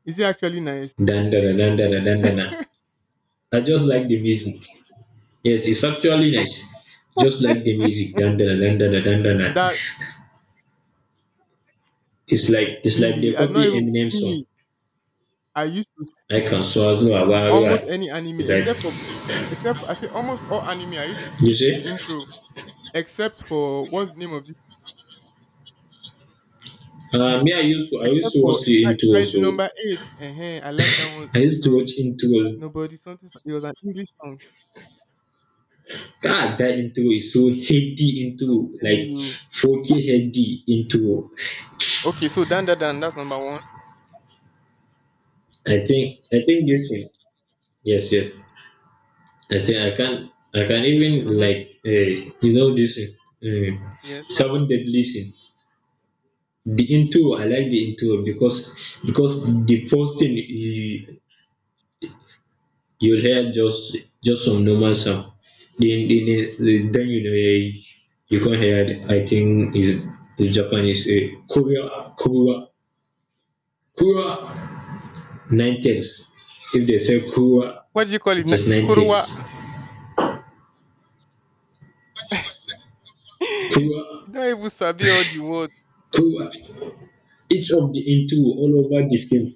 Is it actually nice? Dandana, Dandana, Dandana. I just like the music. Yes, it's actually nice. Just like the music, dun dun dun dun dun dun dun dun. That It's like, it's like they Really, I don't copy even Eminem song. me. I used to I skip can it, swallow a almost barrier. any anime, It's like, except for I say almost all anime. I used to you skip see. the intro, except for, what's the name of this? Me, I used to, I used Except to for watch the intro. Kaiju So number eight. I like that one's I used to intro. watch intro. Nobody something. It was an English song God, that intro is so heady intro, telling like you. 40 heady intro. Okay, so Dan Dan Dan. That's number one. I think this thing. Yes, yes. I think I can even Mm-hmm. like, you know this thing, Yes. Well, seven deadly sin. The intro, I like the intro because the first thing you, you'll hear just some normal sound. Then then, then you know, you can hear it. I think is Japanese, kura kura kura, nine takes. If they say kura, what do you call it? it is nine takes. Korowa. You Kura, don't even sabi all the words. kura. Each of the intro all over the film,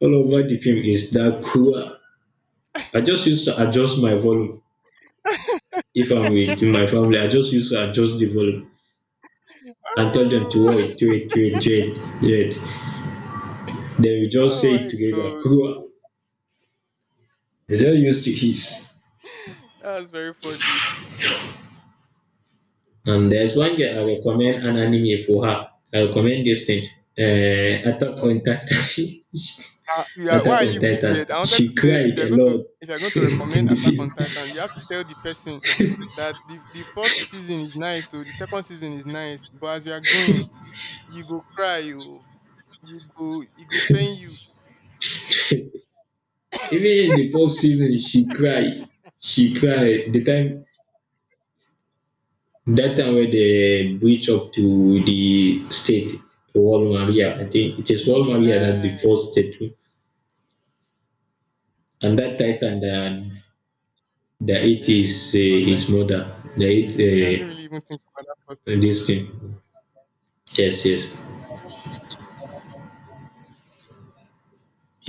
all over the film is that kura. I just used to adjust my volume. If I'm with my family, I just use, I just develop and tell them to wait, Ah, wait, wait, wait, wait. They will just say oh it my together. god, Kruwa. They just used to his. that's very funny. And there's one guy I recommend an anime for her. I recommend this thing. Attack on Titan. You, why Attack are on you Titan. wicked? I wanted to She say, if cried you're a going to lot if you're going to recommend in the Attack on film. Titan, you have to tell the person that the first season is nice, so the second season is nice. But as you are going, you go cry, you go pain you. Even in the post season, she cried. She cried. The time, that time where dey breach up to the state, to wall Maria. I think it is No wall be Maria that the lie. first state, and that Titan that, that it Yeah, in is his his front his like this. mother Yeah, that yeah, yeah. Me, I didn't ate, really even think about that first season. this thing. Yes, yes,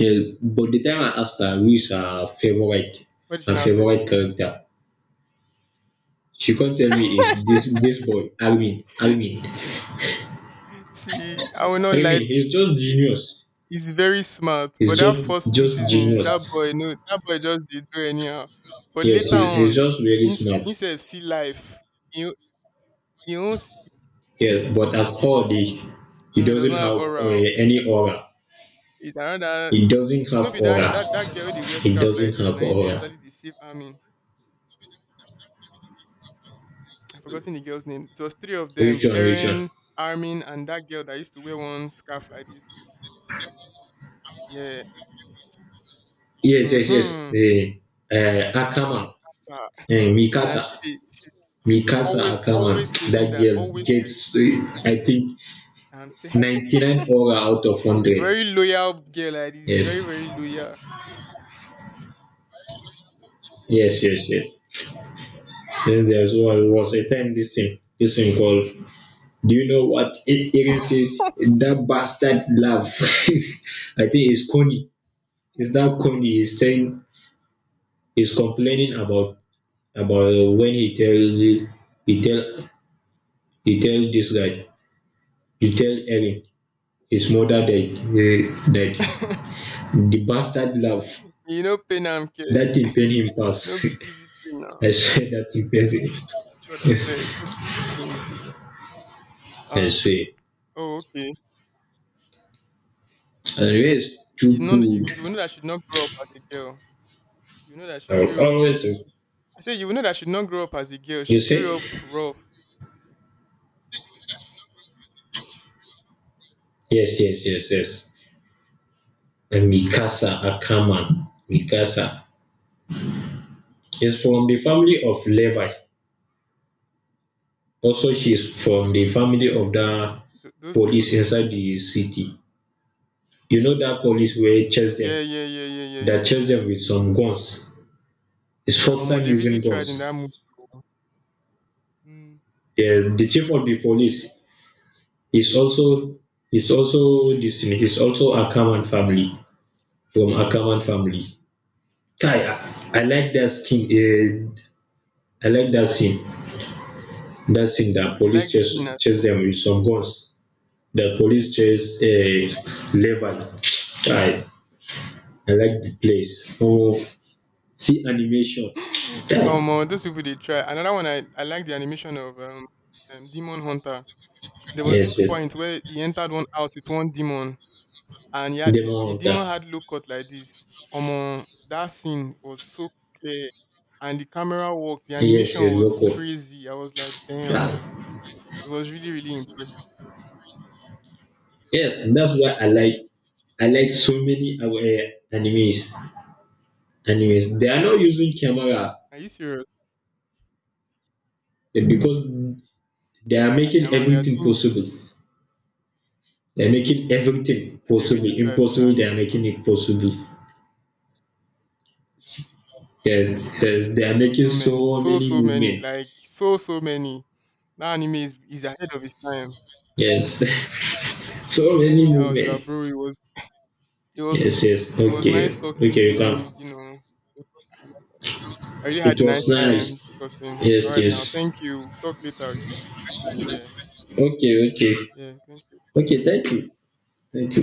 yes. But the time I asked her who is her favourite, What did she her now say? favourite character, she come tell me is this, this boy Alvin, Alvin, See, I will not lie. Alvin. He's To just you. genius. He's very smart, but he's that just first two just seasons, genius. that boy no, that boy just did do anyhow. But Yes, later he's on, just very smart. instead see life, he he owns Yes, but as for the, he no, he does doesn't not have have, aura. any aura. It's another He doesn't No have be that aura. that girl with the wear He scarf doesn't like this. Now have in the aura. Everly deceive Armin. I've forgotten the girl's name. It was three of them: Which one? Which one? Erin, Armin, and that girl that used to wear one scarf like this. Yeah. Yes, yes, yes. Mm-hmm. The, Akama, Mikasa. Now, she, Mikasa, dey- she she's Mikasa always Akama. always saving That that, girl always saving gets, Armin. I think, I'm telling 99 aura out of 100. Very loyal girl like this, Yes, very, very loyal. yes, yes, yes. Then there's one, was a time this thing called. Do you know what it is? That bastard love. I think it's Coney. Is that comedy he's saying, he's complaining about when he tell, he tell he tell this guy, he tell Erin his mother died, died, the bastard laugh, You know, pain am care. that thing pain him pass. No be easy thing now. I said that thing pain him. God, I Yes. beg, no be easy thing. I Ah, swear. oh, okay. Anyway, it's You too know you, good. you know that she not grow up as a girl. You know that she I'll grew up, always, I say you know that she not grow up as a girl. She you grew say. up rough. Yes, yes, yes, yes. And Mikasa Akaman, Mikasa is from the family of Levi. Also, she's from the family of that Those people. police inside the city. You know that police where chase Yeah, them, yeah, yeah, yeah, yeah, yeah, that chase yeah. them with some guns. It's first Omo, time they really using tried in guns. that movie. Oh. Mm. The chief of the police is also, is also this thing, is also Akaman family, from Akaman family. Kai, I like that skin. I like that scene. That scene that You police like the chase scene. Ah? chase them with some guns. That police chase, Levi. Kai, I like the place. Oh, see animation. Omo, those people they try. Another one, I like the animation of Demon Hunter. There was this Yes, yes. point where he entered one house with one demon, and yeah, the, Demon the Hunter. demon had low cut like this. Omo, that scene was so clear, and the camera work, the Yes, animation yes, was local. crazy. I was like, damn, Ah. it was really, really impressive. Yes, and that's why I like, I like so many, animes. Animes. They are not using camera, Are you serious? Because they are And making I'm on their everything doing. possible. They're making everything They possible. really tried with the Impossible, they are making animation. I it swear, possible. Yes, yes, they are so making so many, so so many so many, movement. like so so many. That anime is ahead of its time. Yes, so many Anyhow, sha, movement. bro, it was Yes, yes. it was nice Okay, talking okay, to you you. can. You know, we'll talk another time. I really had It a nice was time nice. discussing. All Yes, right, now, yes. thank you. Talk later. Okay. Yeah. Okay, okay. Yeah. Thank you. Okay, thank you. Thank you.